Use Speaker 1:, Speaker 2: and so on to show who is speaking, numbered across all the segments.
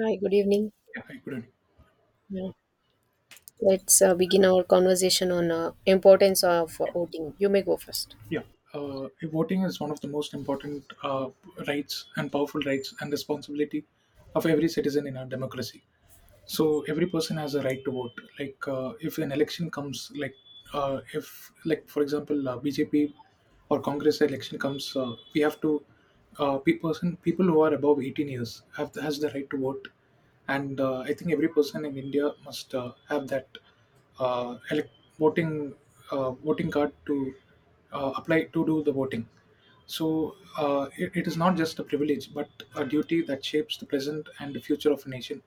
Speaker 1: Hi, good evening.
Speaker 2: Yeah, I couldn't.
Speaker 1: Yeah. Let's begin our conversation on importance of voting. You may go first.
Speaker 2: Yeah, Voting is one of the most important rights and powerful rights and responsibility of every citizen in our democracy. So every person has a right to vote, if an election comes, if, like for example, BJP or Congress election comes, we have to person, people who are above 18 years have has the right to vote. And I think every person in India must have that elec voting, voting card to apply to do the voting. So it is not just a privilege, but a duty that shapes the present and the future of a nation.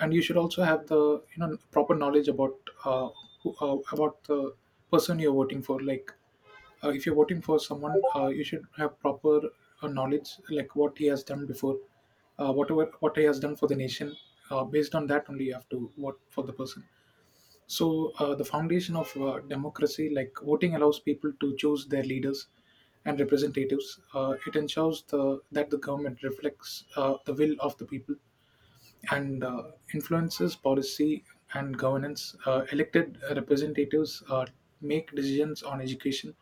Speaker 2: And you should also have the proper knowledge about, uh, about the person you're voting for. If you're voting for someone, you should have proper knowledge, like what he has done before, what he has done for the nation. Based on that, only you have to vote for the person. So, the foundation of democracy, like voting, allows people to choose their leaders and representatives. It ensures that the government reflects the will of the people and influences policy and governance. Elected representatives make decisions on education,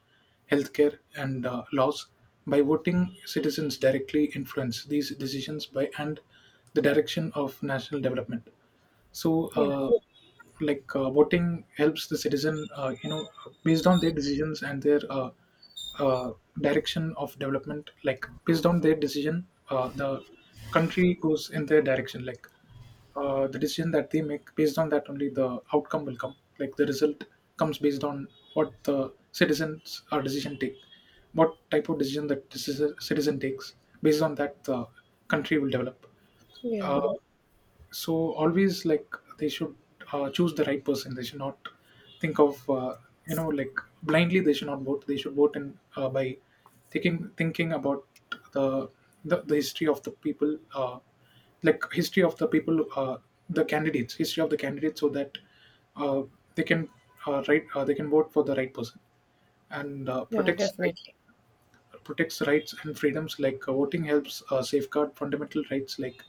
Speaker 2: healthcare, and laws. By voting, citizens directly influence these decisions by and the direction of national development. So,
Speaker 1: Yeah,
Speaker 2: voting helps the citizen, based on their decisions and their uh, direction of development. Like based on their decision, the country goes in their direction. The decision that they make, based on that only the outcome will come. Like the result comes based on what the citizens or decision take, what type of decision that the citizen takes. Based on that, the country will develop. Uh,
Speaker 1: yeah,
Speaker 2: so always, like they should choose the right person. They should not think of, like, blindly they should not vote. They should vote in, by thinking about the, the history of the people, like history of the people, the candidates, history of the candidates, so that uh, they can, right they can vote for the right person. And
Speaker 1: yeah, definitely.
Speaker 2: protects rights and freedoms, like voting helps safeguard fundamental rights like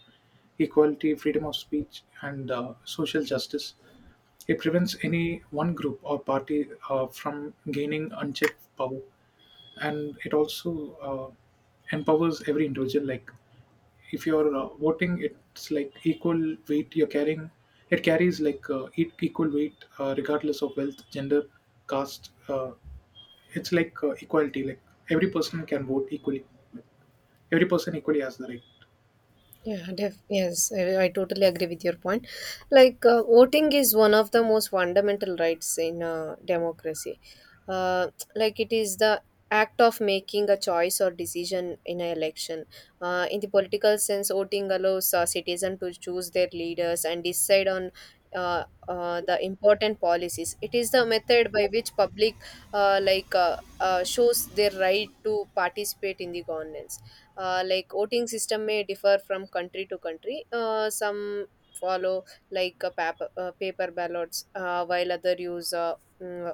Speaker 2: equality, freedom of speech, and social justice. It prevents any one group or party from gaining unchecked power, and it also empowers every individual. Like if you're voting, it's like equal weight you're carrying. It carries like, equal weight regardless of wealth, gender, caste. It's like equality. Like every person can vote equally, every person equally has the right.
Speaker 1: Yeah, yes, I totally agree with your point. Like, voting is one of the most fundamental rights in democracy. Uh, like, it is the act of making a choice or decision in an election. In the political sense, voting allows a citizen to choose their leaders and decide on the important policies. It is the method by which public, like, shows their right to participate in the governance. Like, voting system may differ from country to country. Some follow like paper ballots, while other use mm,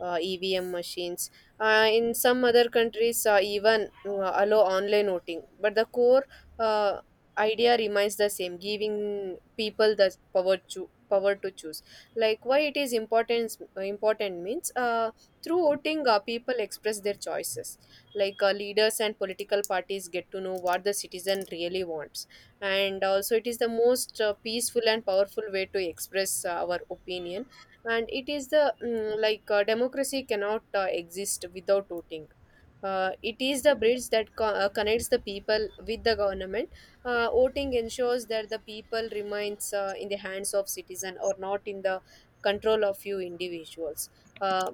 Speaker 1: EVM machines, in some other countries even allow online voting, but the core uh, idea remains the same, giving people the power to choose. Like, why it is important? Important means, through voting, people express their choices, like leaders and political parties get to know what the citizen really wants. And also, it is the most peaceful and powerful way to express our opinion. And it is the like democracy cannot exist without voting. It is the bridge that connects the people with the government. Voting ensures that the people remains in the hands of citizen or not in the control of few individuals. Uh,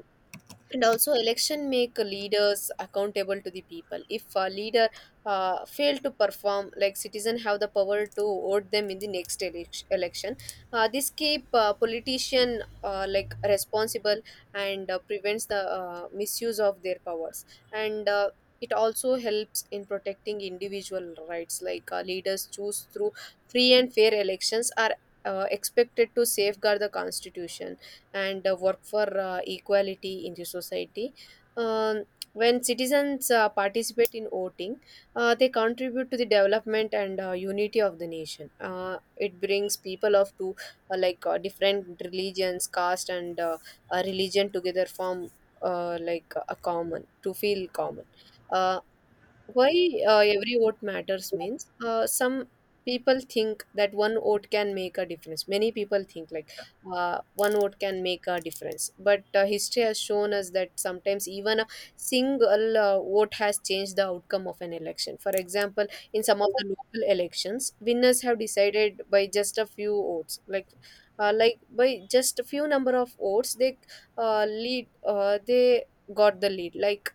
Speaker 1: and also, election make leaders accountable to the people. If a leader fail to perform, like citizen have the power to vote them in the next election. This keep politician like responsible, and prevents the misuse of their powers. And it also helps in protecting individual rights, like leaders choose through free and fair elections are expected to safeguard the constitution and work for equality in the society. Um, when citizens participate in voting, they contribute to the development and unity of the nation. It brings people of two like different religions, caste, and religion together, form like a common to feel common. Uh, why every vote matters means, some people think that one vote can make a difference. Many people think like one vote can make a difference, but history has shown us that sometimes even a single vote has changed the outcome of an election. For example, in some of the local elections, winners have decided by just a few votes, like by just a few number of votes they lead they got the lead. Like,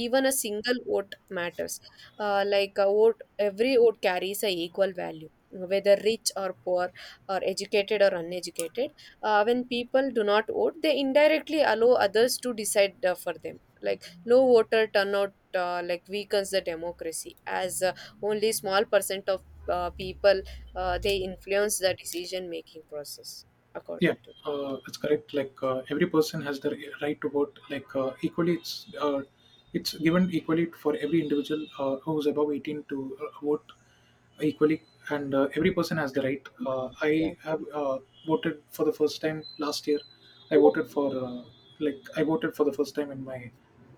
Speaker 1: even a single vote matters. Like a vote every vote carries a equal value, whether rich or poor or educated or uneducated. When people do not vote, they indirectly allow others to decide for them. Like, low voter turnout like weakens the democracy, as only small percent of people they influence the decision making process
Speaker 2: Yeah,
Speaker 1: according to.
Speaker 2: that's correct. Like every person has the right to vote. Like equally, it's given equally for every individual who's above 18 to vote equally, and every person has the right.
Speaker 1: Yeah,
Speaker 2: I have voted for the first time last year. I voted for, like I voted for the first time in my,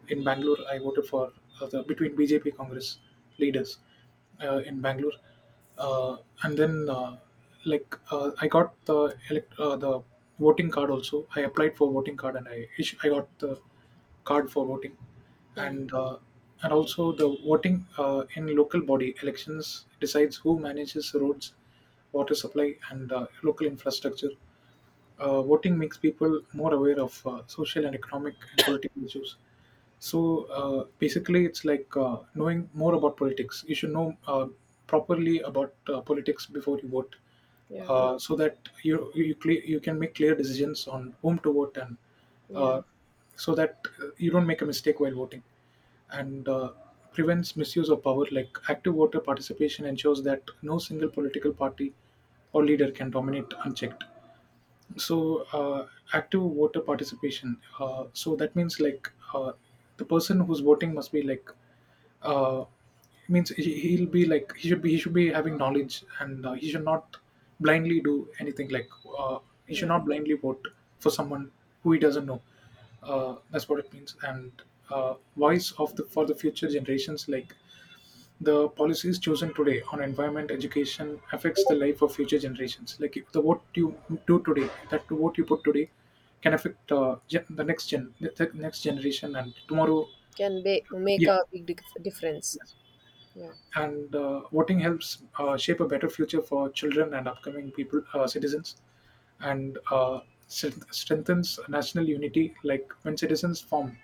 Speaker 2: in Bangalore. I voted for the between BJP Congress leaders in Bangalore, uh, and then I got the voting card also. I applied for voting card and I got the card for voting,
Speaker 1: yeah,
Speaker 2: and uh, and also the voting in local body elections decides who manages roads, water supply, and local infrastructure. Voting makes people more aware of social and economic and political issues. So basically, it's like knowing more about politics. You should know properly about politics before you vote,
Speaker 1: yeah,
Speaker 2: so that you can make clear decisions on whom to vote. And uh,
Speaker 1: yeah,
Speaker 2: so that you don't make a mistake while voting. And prevents misuse of power. Like active voter participation ensures that no single political party or leader can dominate unchecked. So active voter participation, so that means, like the person who's voting must be like uh, means he, he'll be like, he should be, he should be having knowledge. And he should not blindly do anything, uh, he should
Speaker 1: yeah.
Speaker 2: not blindly vote for someone who he doesn't know. That's what it means. And voice of the, for the future generations, like the policies chosen today on environment, education affects the life of future generations. Like if the, what you do today, that what you put today can affect, the next gen, the next generation and tomorrow.
Speaker 1: Can be, make
Speaker 2: Yeah,
Speaker 1: a big difference.
Speaker 2: yes.
Speaker 1: Yeah,
Speaker 2: And voting helps shape a better future for children and upcoming people, citizens. And strengthens national unity, like when citizens form,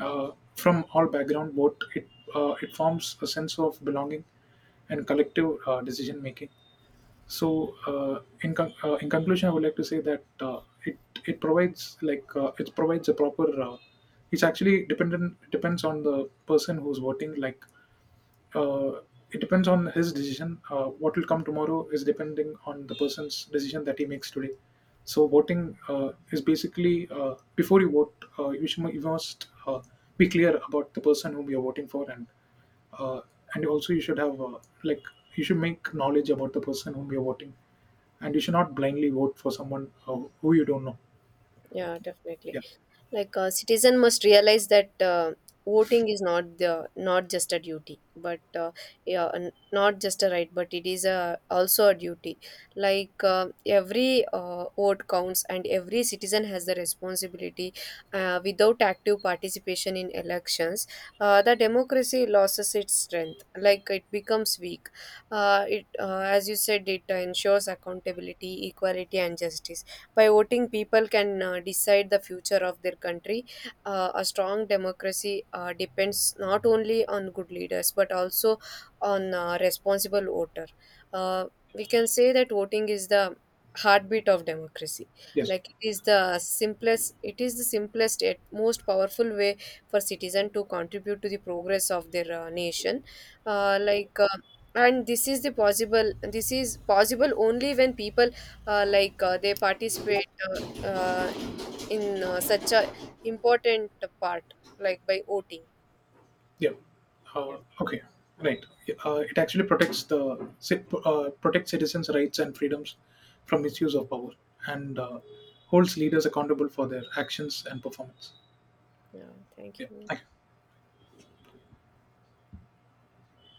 Speaker 2: uh, from all background vote, it forms a sense of belonging and collective decision making. So in conclusion, I would like to say that it it provides, like it provides a proper, it's actually dependent depends on the person who's voting. Like uh, it depends on his decision. What will come tomorrow is depending on the person's decision that he makes today. So voting is basically, before you vote, you, should, you must be clear about the person whom you're voting for. And uh, and also you should have, like you should make knowledge about the person whom you're voting, and you should not blindly vote for someone who you don't know.
Speaker 1: yeah, definitely.
Speaker 2: Yeah.
Speaker 1: Like, a citizen must realize that voting is not just a duty, but yeah, not just a right, but it is a also a duty. Like every vote counts, and every citizen has the responsibility. Without active participation in elections, the democracy loses its strength. Like, it becomes weak. As you said, it ensures accountability, equality, and justice. By voting, people can decide the future of their country. A strong democracy depends not only on good leaders but also on responsible voter. Uh, we can say that voting is the heartbeat of democracy,
Speaker 2: Yes.
Speaker 1: like it is the simplest yet most powerful way for citizen to contribute to the progress of their nation. uh, like uh, and this is possible only when people like they participate in such a important part, like by voting.
Speaker 2: Yeah.
Speaker 1: Yeah,
Speaker 2: Okay. Right. Yeah. It actually protects protects citizens' rights and freedoms from misuse of power, and holds leaders accountable for their actions and performance.
Speaker 1: yeah, thank
Speaker 2: Yeah.
Speaker 1: you.
Speaker 2: Thank you.